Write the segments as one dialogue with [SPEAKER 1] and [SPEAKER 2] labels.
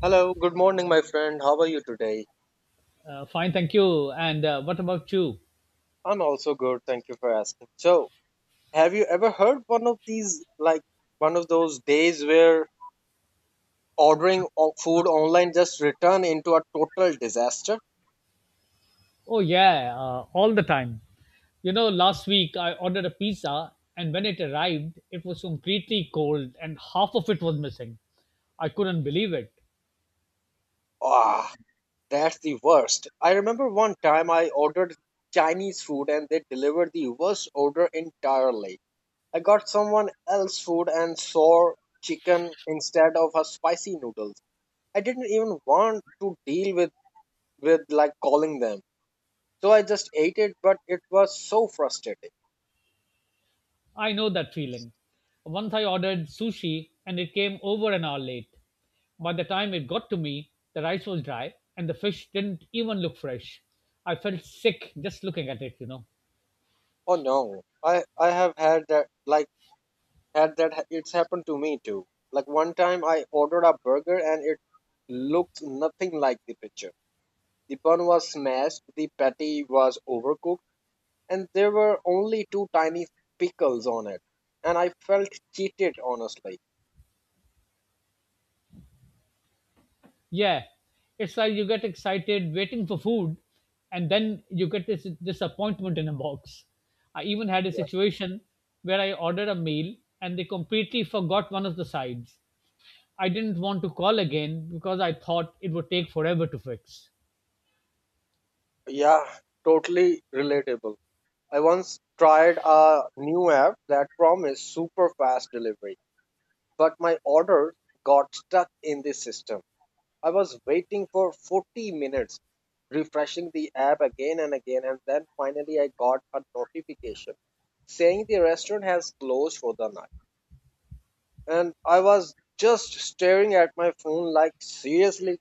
[SPEAKER 1] Hello, good morning, my friend. How are you today?
[SPEAKER 2] Fine, thank you. And what about you?
[SPEAKER 1] I'm also good. Thank you for asking. So, have you ever heard one of these, like one of those days where ordering food online just return into a total disaster?
[SPEAKER 2] Oh, yeah, all the time. You know, last week I ordered a pizza, and when it arrived, it was completely cold and half of it was missing. I couldn't believe it.
[SPEAKER 1] Ah, that's the worst. I remember one time I ordered Chinese food and they delivered the worst order entirely. I got someone else's food and saw chicken instead of a spicy noodles. I didn't even want to deal with like calling them. So I just ate it, but it was so frustrating.
[SPEAKER 2] I know that feeling. Once I ordered sushi, and it came over an hour late. By the time it got to me, the rice was dry and the fish didn't even look fresh. I felt sick just looking at it.
[SPEAKER 1] Oh no, I have had that like it's happened to me too. Like one time I ordered a burger and it looked nothing like the picture. The bun was smashed, the patty was overcooked, and there were only two tiny pickles on it. And I felt cheated, honestly.
[SPEAKER 2] Yeah, it's like you get excited waiting for food, and then you get this disappointment in a box. I even had a situation where I ordered a meal and they completely forgot one of the sides. I didn't want to call again because I thought it would take forever to fix.
[SPEAKER 1] Yeah, totally relatable. I once tried a new app that promised super fast delivery, but my order got stuck in the system. I was waiting for 40 minutes, refreshing the app again and again, and then finally I got a notification saying the restaurant has closed for the night. And I was just staring at my phone like, seriously?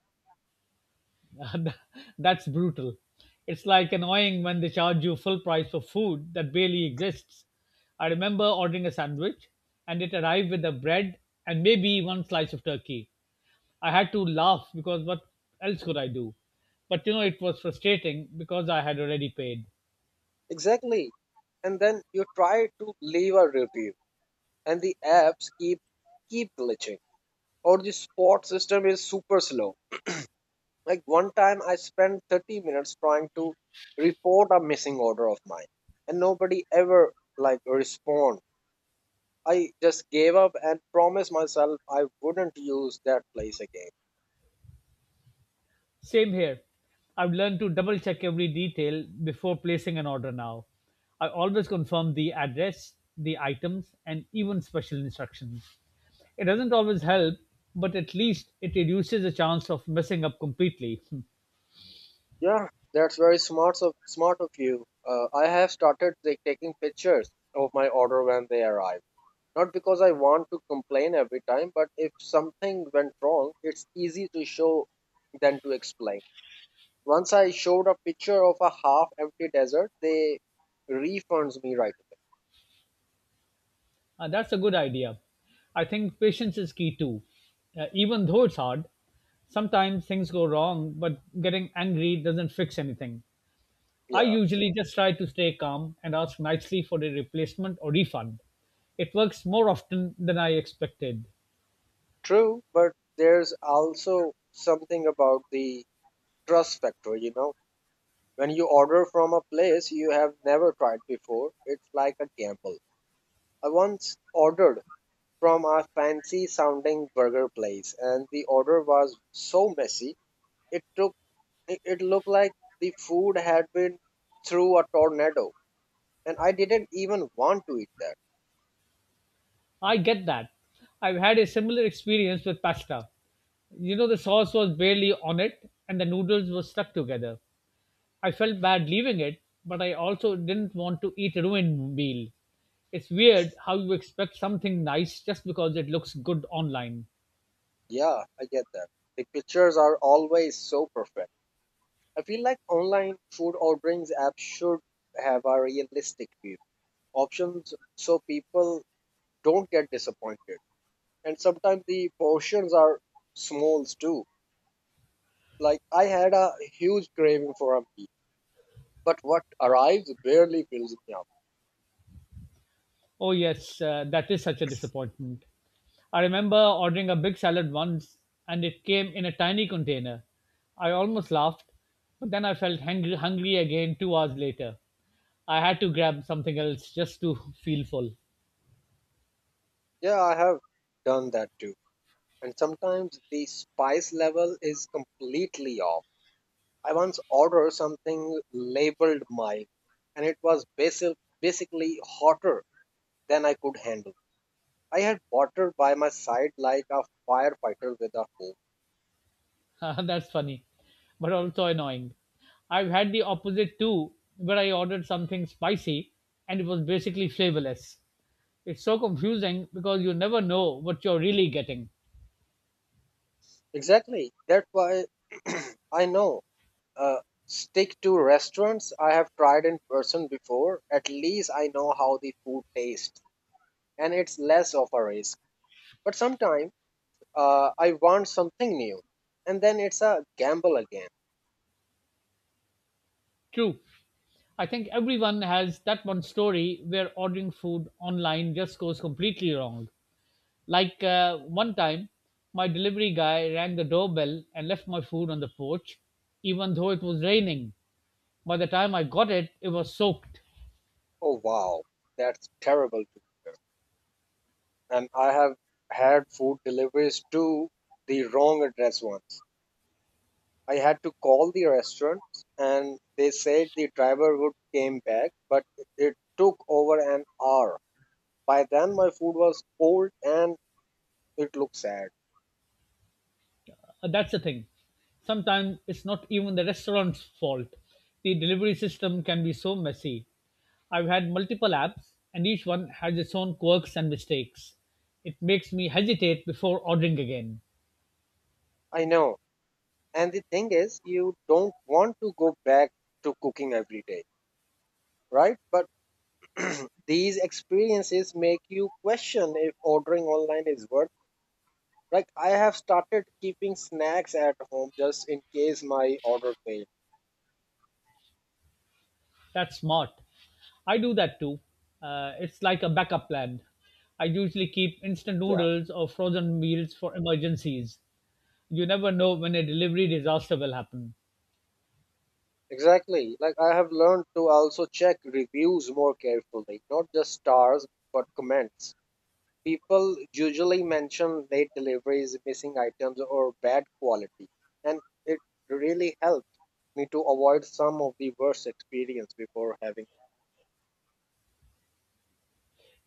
[SPEAKER 2] That's brutal. It's like annoying when they charge you full price for food that barely exists. I remember ordering a sandwich and it arrived with the bread and maybe one slice of turkey. I had to laugh because what else could I do? But you know, it was frustrating because I had already paid.
[SPEAKER 1] Exactly. And then you try to leave a review, and the apps keep glitching, or the spot system is super slow. Like one time I spent 30 minutes trying to report a missing order of mine, and nobody ever like respond. I just gave up and promised myself I wouldn't use that place again.
[SPEAKER 2] Same here. I've learned to double check every detail before placing an order now. I always confirm the address, the items, and even special instructions. It doesn't always help, but at least it reduces the chance of messing up completely.
[SPEAKER 1] Yeah, that's very smart of you. I have started like, taking pictures of my order when they arrive. Not because I want to complain every time, but if something went wrong, it's easy to show than to explain. Once I showed a picture of a half empty desert, they refunds me right away.
[SPEAKER 2] That's a good idea. I think patience is key too. Even though it's hard, sometimes things go wrong, but getting angry doesn't fix anything. I
[SPEAKER 1] Yeah.
[SPEAKER 2] usually just try to stay calm and ask nicely for a replacement or refund. It works more often than I expected.
[SPEAKER 1] True, but there's also something about the trust factor, you know. When you order from a place you have never tried before, it's like a gamble. I once ordered from a fancy sounding burger place and the order was so messy, it took it it looked like the food had been through a tornado, and I didn't even want to eat that.
[SPEAKER 2] I get that. I've had a similar experience with pasta. You know, the sauce was barely on it and the noodles were stuck together. I felt bad leaving it, but I also didn't want to eat a ruined meal. It's weird how you expect something nice just because it looks good online.
[SPEAKER 1] Yeah, I get that. The pictures are always so perfect. I feel like online food orderings apps should have a realistic view options, so people don't get disappointed. And sometimes the portions are smalls too. Like I had a huge craving for a meal, but what arrives barely fills me up.
[SPEAKER 2] Oh, yes, that is such a disappointment. I remember ordering a big salad once and it came in a tiny container. I almost laughed, but then I felt hungry again 2 hours later. I had to grab something else just to feel full.
[SPEAKER 1] Yeah, I have done that too. And sometimes the spice level is completely off. I once ordered something labeled mild, and it was basically hotter than I could handle. I had water by my side like a firefighter with a hose.
[SPEAKER 2] That's funny, but also annoying. I've had the opposite too, where I ordered something spicy and it was basically flavorless. It's so confusing because you never know what you're really getting.
[SPEAKER 1] Exactly. That's why I know. Uh, Stick to restaurants I have tried in person before. At least I know how the food tastes, and it's less of a risk. But sometimes I want something new, and then it's a gamble again.
[SPEAKER 2] True. I think everyone has that one story where ordering food online just goes completely wrong. Like one time, my delivery guy rang the doorbell and left my food on the porch, even though it was raining. By the time I got it, it was soaked.
[SPEAKER 1] Oh wow, that's terrible. And I have had food deliveries to the wrong address once. I had to call the restaurant and they said the driver would came back, but it took over an hour. By then my food was cold and it looked sad.
[SPEAKER 2] That's the thing. Sometimes it's not even the restaurant's fault. The delivery system can be so messy. I've had multiple apps, and each one has its own quirks and mistakes. It makes me hesitate before ordering again.
[SPEAKER 1] I know. And the thing is, you don't want to go back to cooking every day, right? But these experiences make you question if ordering online is worth. Like I have started keeping snacks at home just in case my order fails.
[SPEAKER 2] That's smart. I do that too. It's like a backup plan. I usually keep instant
[SPEAKER 1] Yeah,
[SPEAKER 2] noodles or frozen meals for emergencies. You never know when a delivery disaster will happen.
[SPEAKER 1] exactly. Like I have learned to also check reviews more carefully, not just stars but comments. People usually mention late deliveries, missing items, or bad quality, and it really helps me to avoid some of the worst experience before having.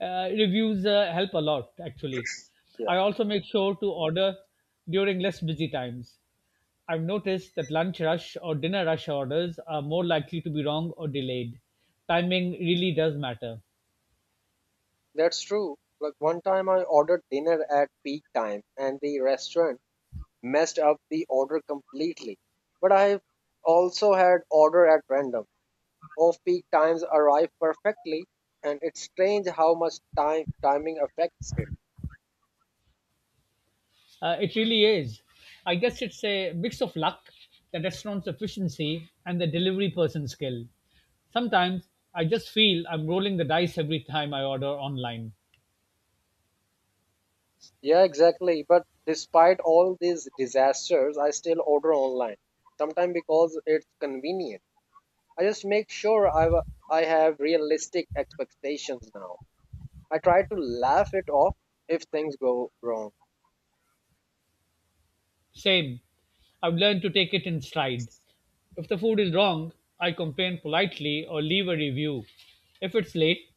[SPEAKER 2] Reviews help a lot actually.
[SPEAKER 1] Yeah,
[SPEAKER 2] I also make sure to order during less busy times. I've noticed that lunch rush or dinner rush orders are more likely to be wrong or delayed. Timing really does matter.
[SPEAKER 1] that's true. Like one time I ordered dinner at peak time, and the restaurant messed up the order completely. But I've also had order at random. Off peak times arrive perfectly, and it's strange how much time timing affects it.
[SPEAKER 2] It really is. I guess it's a mix of luck, the restaurant's efficiency and the delivery person's skill. Sometimes I just feel I'm rolling the dice every time I order online.
[SPEAKER 1] Yeah, exactly. But despite all these disasters, I still order online, sometimes because it's convenient. I just make sure I have realistic expectations now. I try to laugh it off if things go wrong.
[SPEAKER 2] Same. I've learned to take it in stride. If the food is wrong, I complain politely or leave a review. If it's late,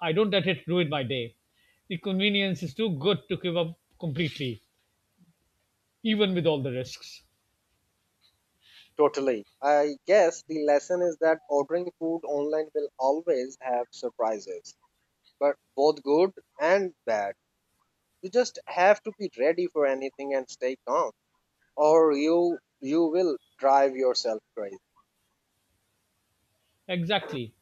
[SPEAKER 2] I don't let it ruin my day. The convenience is too good to give up completely, even with all the risks.
[SPEAKER 1] Totally. I guess the lesson is that ordering food online will always have surprises, but both good and bad. You just have to be ready for anything and stay calm, or you will drive yourself crazy.
[SPEAKER 2] Exactly.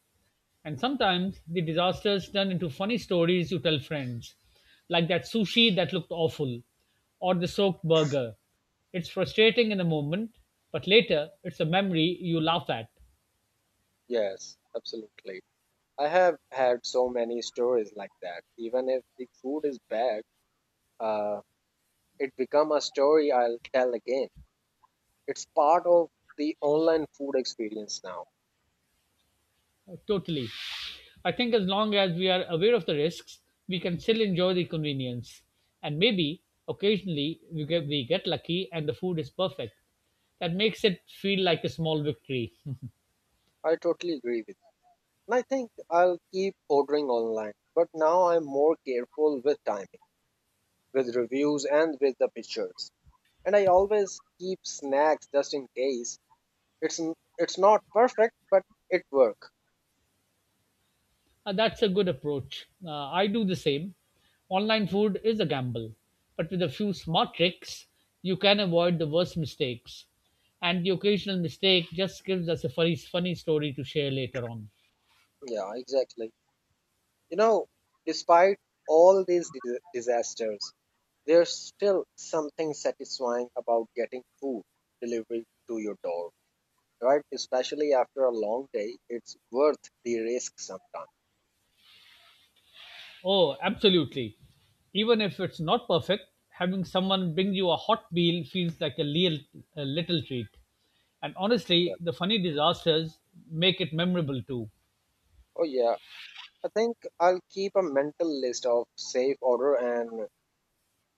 [SPEAKER 2] And sometimes the disasters turn into funny stories you tell friends, like that sushi that looked awful, or the soaked burger. It's frustrating in the moment, but later it's a memory you laugh at.
[SPEAKER 1] Yes, absolutely. I have had so many stories like that. Even if the food is bad, uh, it become a story I'll tell again. It's part of the online food experience now.
[SPEAKER 2] Totally. I think as long as we are aware of the risks, we can still enjoy the convenience. And maybe occasionally we get lucky and the food is perfect. That makes it feel like a small victory.
[SPEAKER 1] I totally agree with. And I think I'll keep ordering online, but now I'm more careful with timing, with reviews, and with the pictures. And I always keep snacks just in case. It's not perfect, but it work.
[SPEAKER 2] That's a good approach. I do the same. Online food is a gamble, but with a few smart tricks, you can avoid the worst mistakes. And the occasional mistake just gives us a funny story to share later on.
[SPEAKER 1] Yeah, exactly. You know, despite all these disasters, there's still something satisfying about getting food delivered to your door, right? Especially after a long day, it's worth the risk sometimes.
[SPEAKER 2] Oh, absolutely. Even if it's not perfect, having someone bring you a hot meal feels like a real, a little treat. And
[SPEAKER 1] Yeah.
[SPEAKER 2] honestly, the funny disasters make it memorable too.
[SPEAKER 1] Oh yeah, I think I'll keep a mental list of safe order and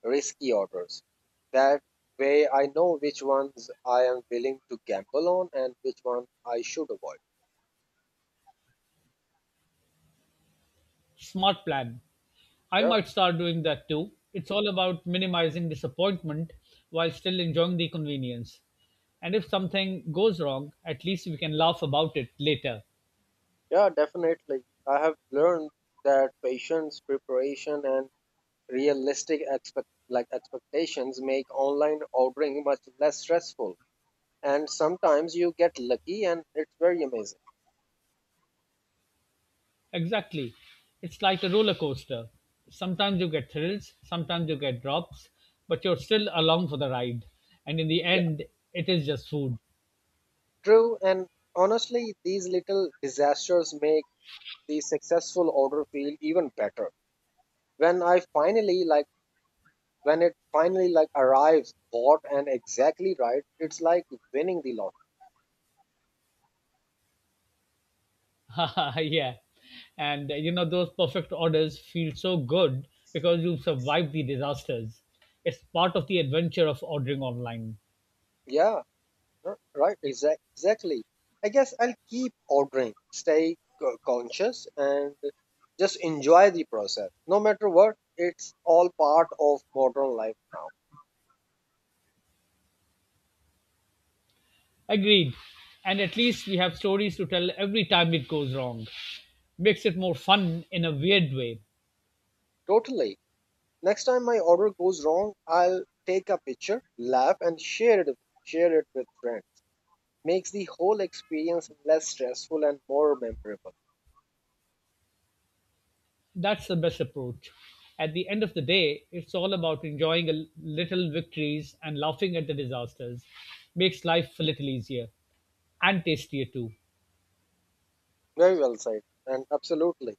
[SPEAKER 1] risky orders. That way I know which ones I am willing to gamble on and which one I should avoid.
[SPEAKER 2] Smart plan. I
[SPEAKER 1] Yeah.
[SPEAKER 2] might start doing that too. It's all about minimizing disappointment while still enjoying the convenience. And if something goes wrong, at least we can laugh about it later.
[SPEAKER 1] Yeah, definitely. I have learned that patience, preparation and realistic expect like expectations make online ordering much less stressful. And sometimes you get lucky and it's very amazing.
[SPEAKER 2] Exactly. It's like a roller coaster. Sometimes you get thrills, sometimes you get drops, but you're still along for the ride. And in the
[SPEAKER 1] Yeah.
[SPEAKER 2] end, it is just food.
[SPEAKER 1] True, and honestly these little disasters make the successful order feel even better when I finally like when it finally like arrives bought and exactly right. It's like winning the lottery.
[SPEAKER 2] Yeah. And you know, those perfect orders feel so good because you survived the disasters. It's part of the adventure of ordering online.
[SPEAKER 1] Yeah, right, exactly. I guess I'll keep ordering, stay conscious, and just enjoy the process no matter what. It's all part of modern life now.
[SPEAKER 2] Agreed. And at least we have stories to tell every time it goes wrong. Makes it more fun in a weird way.
[SPEAKER 1] Totally. Next time my order goes wrong, I'll take a picture, laugh and share it with friends. Makes the whole experience less stressful and more memorable.
[SPEAKER 2] That's the best approach. At the end of the day, it's all about enjoying a little victories and laughing at the disasters. Makes life a little easier and tastier too.
[SPEAKER 1] Very well said, and absolutely.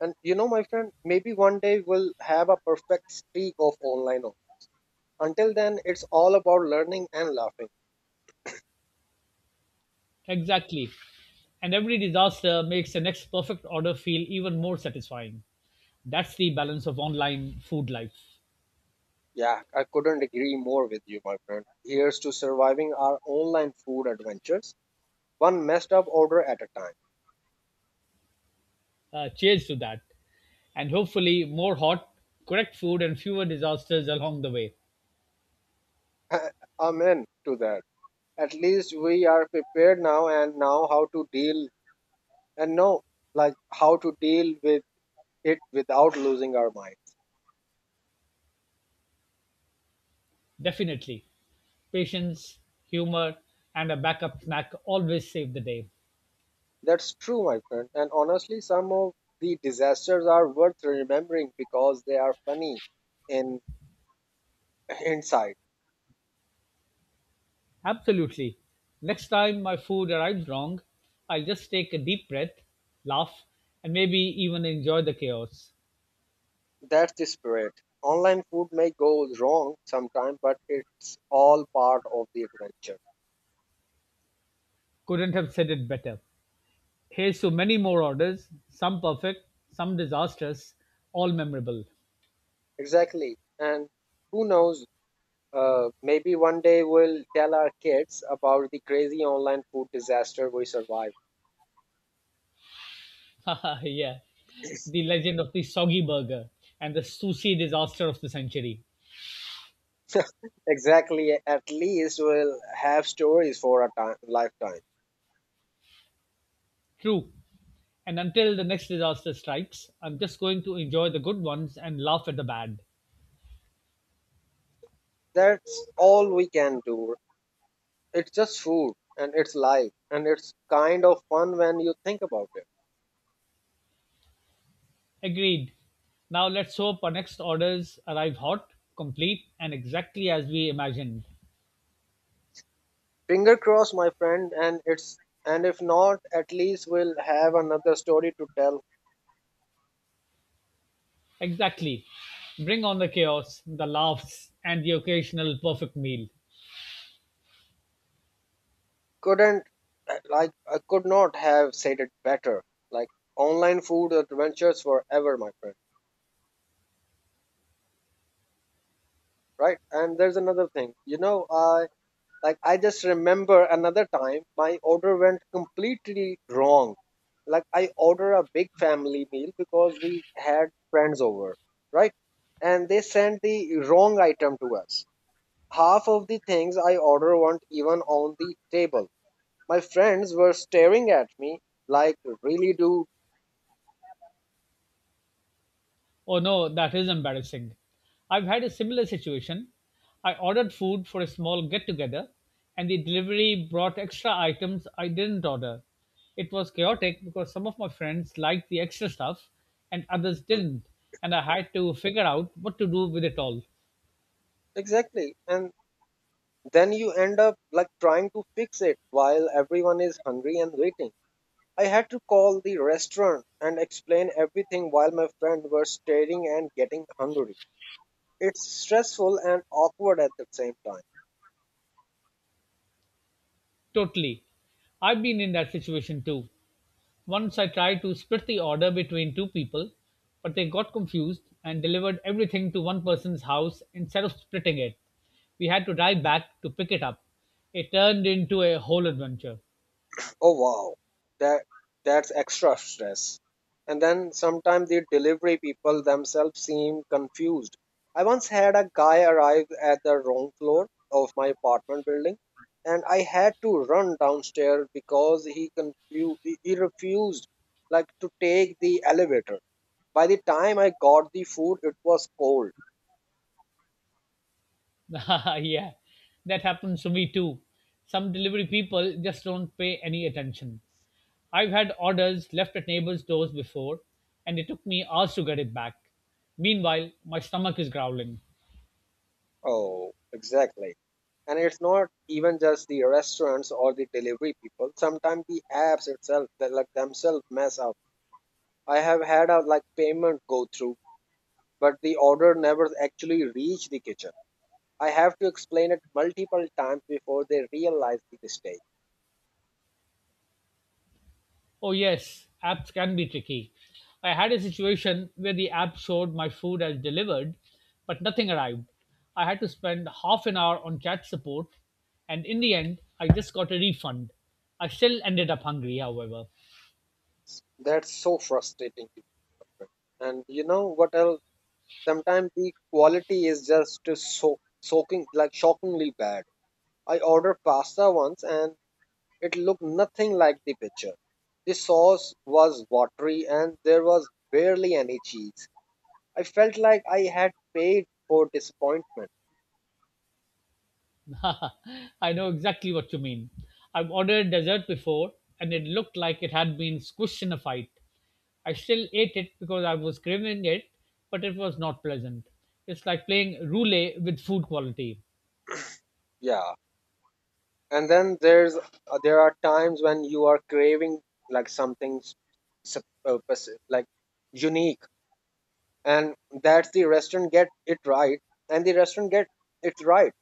[SPEAKER 1] And you know, my friend, maybe one day we'll have a perfect streak of online. Only. Until then, it's all about learning and laughing.
[SPEAKER 2] Exactly. And every disaster makes the next perfect order feel even more satisfying. That's the balance of online food life.
[SPEAKER 1] Yeah, I couldn't agree more with you, my friend. Here's to surviving our online food adventures, one messed up order at a
[SPEAKER 2] Cheers to that. And hopefully, more hot, correct food, and fewer disasters along the way.
[SPEAKER 1] time. Amen to that. At least we are prepared now and now how to deal and know like how to deal with it without losing our mind.
[SPEAKER 2] Definitely. Patience, humor, and a backup snack always save the day.
[SPEAKER 1] That's true, my friend. And honestly, some of the disasters are worth remembering because they are funny in hindsight.
[SPEAKER 2] Absolutely. Next time my food arrives wrong, I'll just take a deep breath, laugh, and maybe even enjoy the chaos.
[SPEAKER 1] That's the spirit. Online food may go wrong sometime, but it's all part of the adventure.
[SPEAKER 2] Couldn't have said it better. Here's to many more orders, some perfect, some disastrous, all memorable.
[SPEAKER 1] Exactly. And who knows? Maybe one day we'll tell our kids about the crazy online food disaster we survived.
[SPEAKER 2] Yeah, the legend of the soggy burger and the sushi disaster of the century.
[SPEAKER 1] Exactly. At least we'll have stories for a time, lifetime.
[SPEAKER 2] True. And until the next disaster strikes, I'm just going to enjoy the good ones and laugh at the bad.
[SPEAKER 1] That's all we can do. It's just food and it's life and it's kind of fun when you think about it.
[SPEAKER 2] Agreed. Now let's hope our next orders arrive hot, complete, and exactly as we imagined.
[SPEAKER 1] Finger crossed, my friend, and it's. And if not, at least we'll have another story to tell.
[SPEAKER 2] Exactly. Bring on the chaos, the laughs, and the occasional perfect meal.
[SPEAKER 1] Couldn't like I could not have said it better. Like online food adventures forever, my friend. Right? And there's another thing. You know, I Like I just remember another time my order went completely wrong. Like I ordered a big family meal because we had friends over, right? And they sent the wrong item to us. Half of the things I ordered weren't even on the table. My friends were staring at me like, really, dude?
[SPEAKER 2] Oh no, that is embarrassing. I've had a similar situation. I ordered food for a small get together, and the delivery brought extra items I didn't order. It was chaotic because some of my friends liked the extra stuff and others
[SPEAKER 1] Mm.
[SPEAKER 2] didn't, and I had to figure out what to do with it all.
[SPEAKER 1] Exactly. And then you end up like trying to fix it while everyone is hungry and waiting. I had to call the restaurant and explain everything while my friend were staring and getting hungry. It's stressful and awkward at the same time.
[SPEAKER 2] Totally. I've been in that situation too. Once I tried to split the order between two people, but they got confused and delivered everything to one person's house instead of splitting it. We had to drive back to pick it up. It turned into a whole adventure.
[SPEAKER 1] Oh wow, that that's extra stress. And then sometimes the delivery people themselves seem confused. I once had a guy arrive at the wrong floor of my apartment building, and I had to run downstairs because he confused. He refused, like, to take the elevator. By the time I got the food, it was cold.
[SPEAKER 2] Yeah, that happens to me too. Some delivery people just don't pay any attention. I've had orders left at neighbors' doors before, and it took me hours to get it back. Meanwhile, my stomach is growling.
[SPEAKER 1] Oh, exactly. And it's not even just the restaurants or the delivery people. Sometimes the apps itself, they, like themselves, mess up. I have had a like payment go through, but the order never actually reached the kitchen. I have to explain it multiple times before they realize the mistake.
[SPEAKER 2] Oh, yes, apps can be tricky. I had a situation where the app showed my food as delivered, but nothing arrived. I had to spend half an hour on chat support, and in the end, I just got a refund. I still ended up hungry, however.
[SPEAKER 1] That's so frustrating. To people. And you know what else? Sometimes the quality is just so soaking like shockingly bad. I ordered pasta once and it looked nothing like the picture. The sauce was watery and there was barely any cheese. I felt like I had paid for disappointment.
[SPEAKER 2] I know exactly what you mean. I've ordered dessert before, and it looked like it had been squished in a fight. I still ate it because I was craving it, but it was not pleasant. It's like playing roulette with food quality.
[SPEAKER 1] Yeah. And then there are times when you are craving like something s- sup- pers- like unique and that's the restaurant get it right and the restaurant get it right,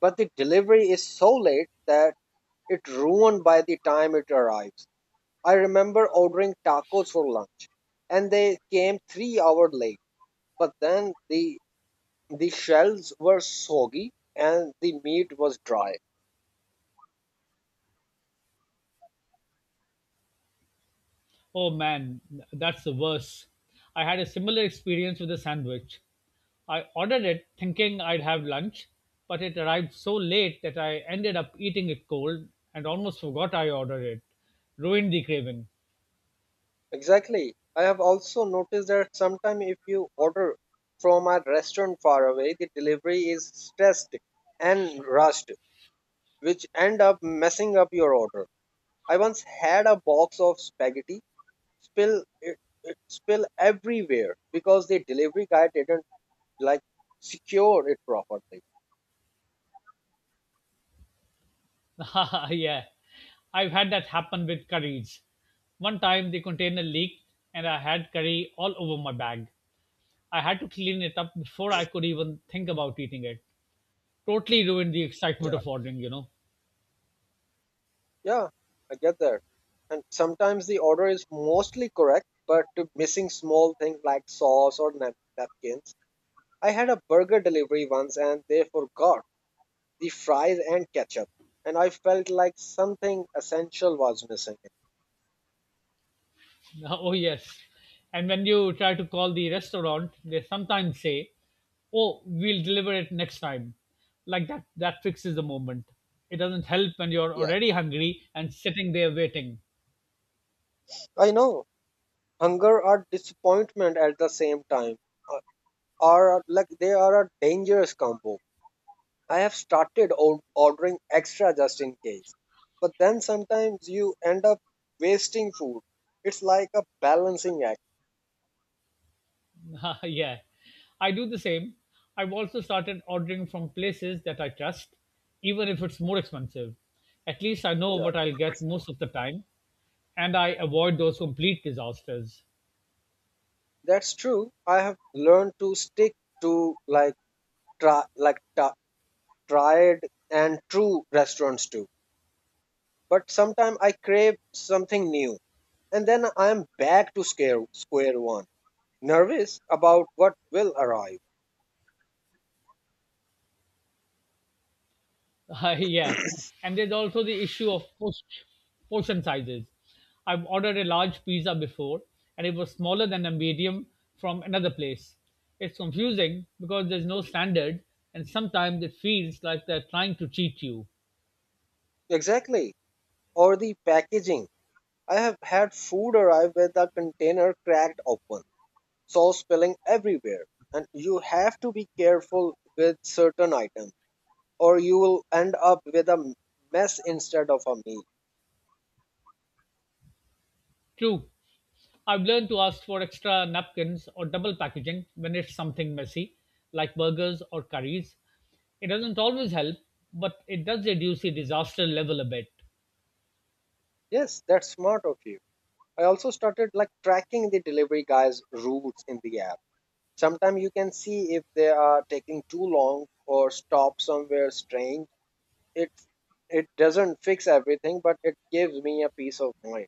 [SPEAKER 1] but the delivery is so late that it ruined by the time it arrives. I remember ordering tacos for lunch, and they came 3 hours late. But then the shells were soggy and the meat was dry.
[SPEAKER 2] Oh man, that's the worst. I had a similar experience with a sandwich. I ordered it thinking I'd have lunch, but it arrived so late that I ended up eating it cold and almost forgot I ordered it. Ruined the craving.
[SPEAKER 1] Exactly. I have also noticed that sometimes if you order from a restaurant far away, the delivery is stressed and rushed, which end up messing up your order. I once had a box of spaghetti spill it, it spill everywhere because the delivery guy didn't like secure it properly.
[SPEAKER 2] Yeah, I've had that happen with curries. One time the container leaked and I had curry all over my bag. I had to clean it up before I could even think about eating it, totally ruined the excitement
[SPEAKER 1] Yeah,
[SPEAKER 2] of ordering, you know.
[SPEAKER 1] yeah, I get that. And sometimes the order is mostly correct, but missing small things like sauce or napkins. I had a burger delivery once and they forgot the fries and ketchup, and I felt like something essential was missing.
[SPEAKER 2] Oh, yes. And when you try to call the restaurant, they sometimes say, "Oh, we'll deliver it next time." Like that, that fixes the moment. It doesn't help when you're
[SPEAKER 1] Yeah,
[SPEAKER 2] already hungry and sitting there waiting.
[SPEAKER 1] I know. Hunger or disappointment at the same time uh, are like they are a dangerous combo. I have started ordering extra just in case. But then sometimes you end up wasting food. It's like a balancing act.
[SPEAKER 2] Yeah. I do the same. I've also started ordering from places that I trust, even if it's more expensive. At least I know
[SPEAKER 1] Yeah.
[SPEAKER 2] what I'll get most of the time, and I avoid those complete disasters.
[SPEAKER 1] That's true. I have learned to stick to like try like ta tried and true restaurants too. But sometimes I crave something new, and then I am back to square one, nervous about what will arrive.
[SPEAKER 2] Yeah, and there's also the issue of portion sizes. I've ordered a large pizza before, and it was smaller than a medium from another place. It's confusing because there's no standard, and sometimes it feels like they're trying to cheat you.
[SPEAKER 1] Exactly, or the packaging. I have had food arrive with a container cracked open, sauce spilling everywhere, and you have to be careful with certain items or you will end up with a mess instead of a meal.
[SPEAKER 2] True, I've learned to ask for extra napkins or double packaging when it's something messy, like burgers or curries. It doesn't always help, but it does reduce the disaster level a bit.
[SPEAKER 1] Yes, that's smart of you. I also started like tracking the delivery guys' routes in the app. Sometimes you can see if they are taking too long or stop somewhere strange. It it doesn't fix everything, but it gives me a peace of mind.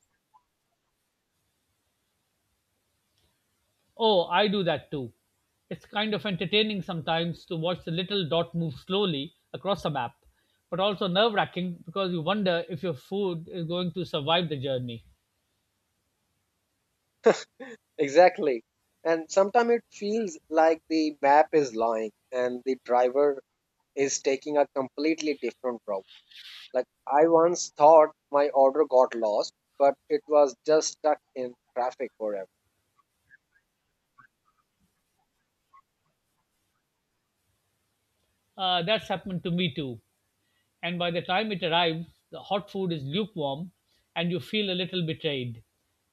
[SPEAKER 2] Oh, I do that too. It's kind of entertaining sometimes to watch the little dot move slowly across a map, but also nerve wracking because you wonder if your food is going to survive the journey.
[SPEAKER 1] Exactly. And sometimes it feels like the map is lying and the driver is taking a completely different route. Like I once thought my order got lost, but it was just stuck in traffic forever.
[SPEAKER 2] That's happened to me too. And by the time it arrives, the hot food is lukewarm and you feel a little betrayed.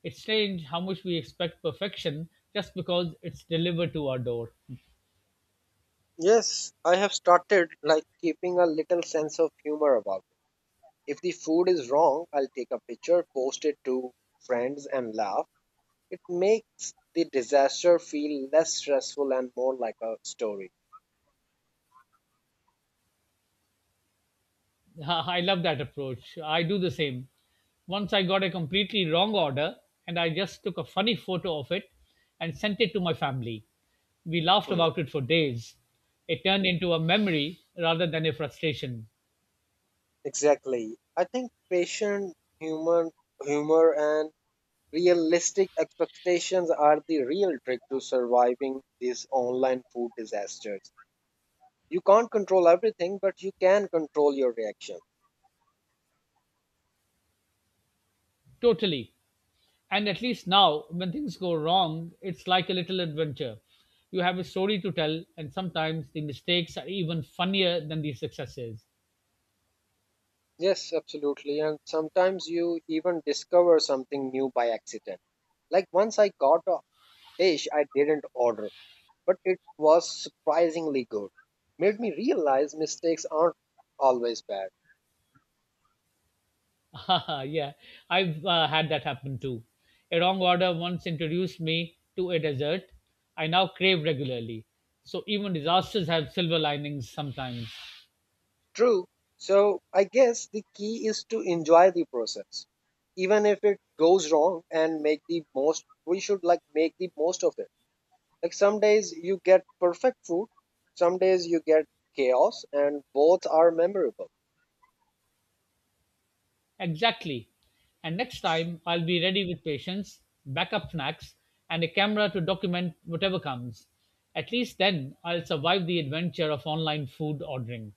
[SPEAKER 2] It's strange how much we expect perfection just because it's delivered to our door.
[SPEAKER 1] Yes, I have started like keeping a little sense of humor about it. If the food is wrong, I'll take a picture, post it to friends and laugh. It makes the disaster feel less stressful and more like a story.
[SPEAKER 2] I love that approach. I do the same. Once I got a completely wrong order and I just took a funny photo of it and sent it to my family. We laughed
[SPEAKER 1] Hmm.
[SPEAKER 2] about it for days. It turned into a memory rather than a frustration.
[SPEAKER 1] Exactly. I think patient human humor and realistic expectations are the real trick to surviving these online food disasters. You can't control everything, but you can control your reaction.
[SPEAKER 2] Totally. And at least now, when things go wrong, it's like a little adventure. You have a story to tell, and sometimes the mistakes are even funnier than the successes.
[SPEAKER 1] Yes, absolutely. And sometimes you even discover something new by accident. Like once I got a dish I didn't order, but it was surprisingly good. Made me realize mistakes aren't always bad.
[SPEAKER 2] Yeah, I've had that happen too. A wrong order once introduced me to a dessert I now crave regularly. So even disasters have silver linings sometimes.
[SPEAKER 1] True. So I guess the key is to enjoy the process, even if it goes wrong, and make the most. We should like make the most of it. Like some days you get perfect food, some days you get chaos, and both are memorable.
[SPEAKER 2] Exactly. And next time, I'll be ready with patience, backup snacks, and a camera to document whatever comes. At least then, I'll survive the adventure of online food ordering.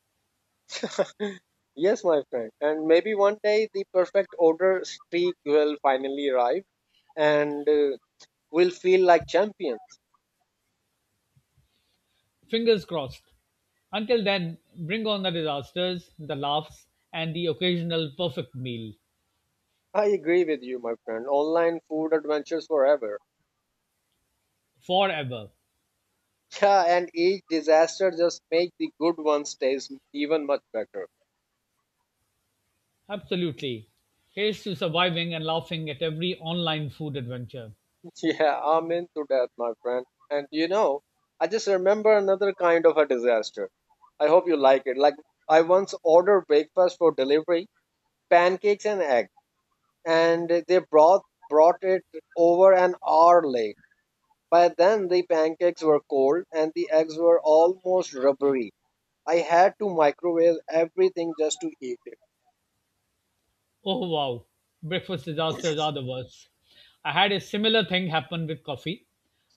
[SPEAKER 1] Yes, my friend. And maybe one day the perfect order streak will finally arrive, and we'll feel like champions.
[SPEAKER 2] Fingers crossed. Until then, bring on the disasters, the laughs, and the occasional perfect meal.
[SPEAKER 1] I agree with you, my friend. Online food adventures forever.
[SPEAKER 2] Forever.
[SPEAKER 1] Yeah, and each disaster just make the good ones taste even much better.
[SPEAKER 2] Absolutely. Here's to surviving and laughing at every online food adventure.
[SPEAKER 1] Yeah, I'm into that, my friend. And you know, I just remember another kind of a disaster. I hope you like it. Like I once ordered breakfast for delivery, pancakes and egg, and they brought it over an hour late. By then the pancakes were cold and the eggs were almost rubbery. I had to microwave everything just to eat it.
[SPEAKER 2] Oh wow, breakfast disasters are the worst. I had a similar thing happen with coffee.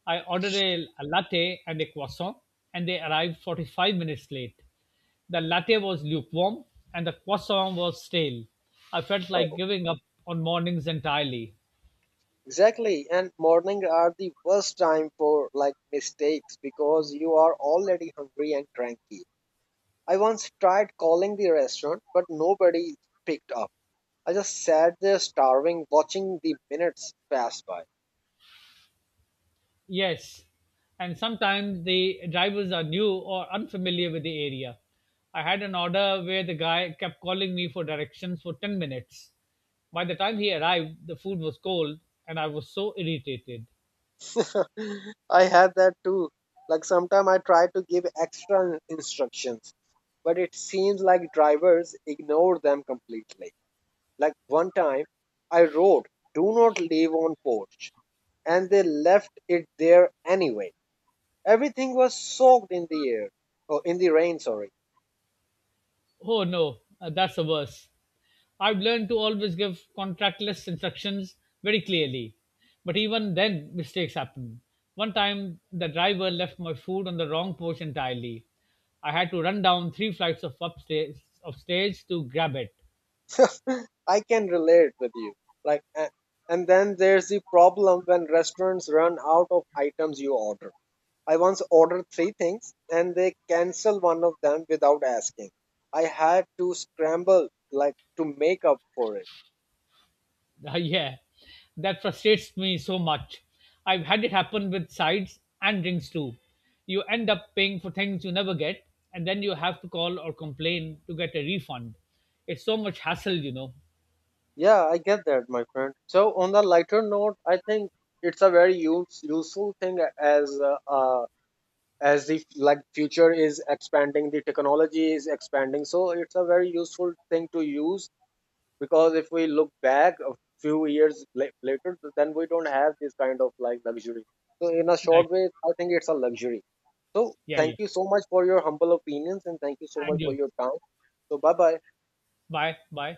[SPEAKER 2] I ordered a latte and a croissant, and they arrived 45 minutes late. The latte was lukewarm, and the croissant was stale. I felt like giving up on mornings entirely.
[SPEAKER 1] Exactly, and morning are the worst time for like mistakes because you are already hungry and cranky. I once tried calling the restaurant, but nobody picked up. I just sat there starving, watching the minutes pass by.
[SPEAKER 2] Yes, and sometimes the drivers are new or unfamiliar with the area. I had an order where the guy kept calling me for directions for 10 minutes. By the time he arrived, the food was cold and I was so irritated.
[SPEAKER 1] I had that too. Like sometimes I try to give extra instructions, but it seems like drivers ignore them completely. Like one time, I wrote, "Do not leave on porch," and they left it there anyway. Everything was soaked in the air, oh, in the rain, sorry.
[SPEAKER 2] Oh no, that's the worst. I've learned to always give contractless instructions very clearly, but even then mistakes happen. One time, the driver left my food on the wrong porch entirely. I had to run down three flights of upstairs of stairs to grab it.
[SPEAKER 1] I can relate with you. Like, a- and then there's the problem when restaurants run out of items you order. I once ordered three things and they cancel one of them without asking. I had to scramble like to make up for it.
[SPEAKER 2] Yeah, that frustrates me so much. I've had it happen with sides and drinks too. You end up paying for things you never get, and then you have to call or complain to get a refund. It's so much hassle.
[SPEAKER 1] Yeah, I get that, my friend. So on the lighter note, I think it's a very useful thing as a as the like future is expanding, the technology is expanding, so it's a very useful thing to use, because if we look back a few later, then we don't have this kind of like luxury. So in a
[SPEAKER 2] Like,
[SPEAKER 1] short way, I think it's a luxury. So
[SPEAKER 2] yeah,
[SPEAKER 1] thank
[SPEAKER 2] yeah.
[SPEAKER 1] you so much for your humble opinions, and thank you so much
[SPEAKER 2] And
[SPEAKER 1] for
[SPEAKER 2] you.
[SPEAKER 1] your time. So bye bye.
[SPEAKER 2] Bye, bye.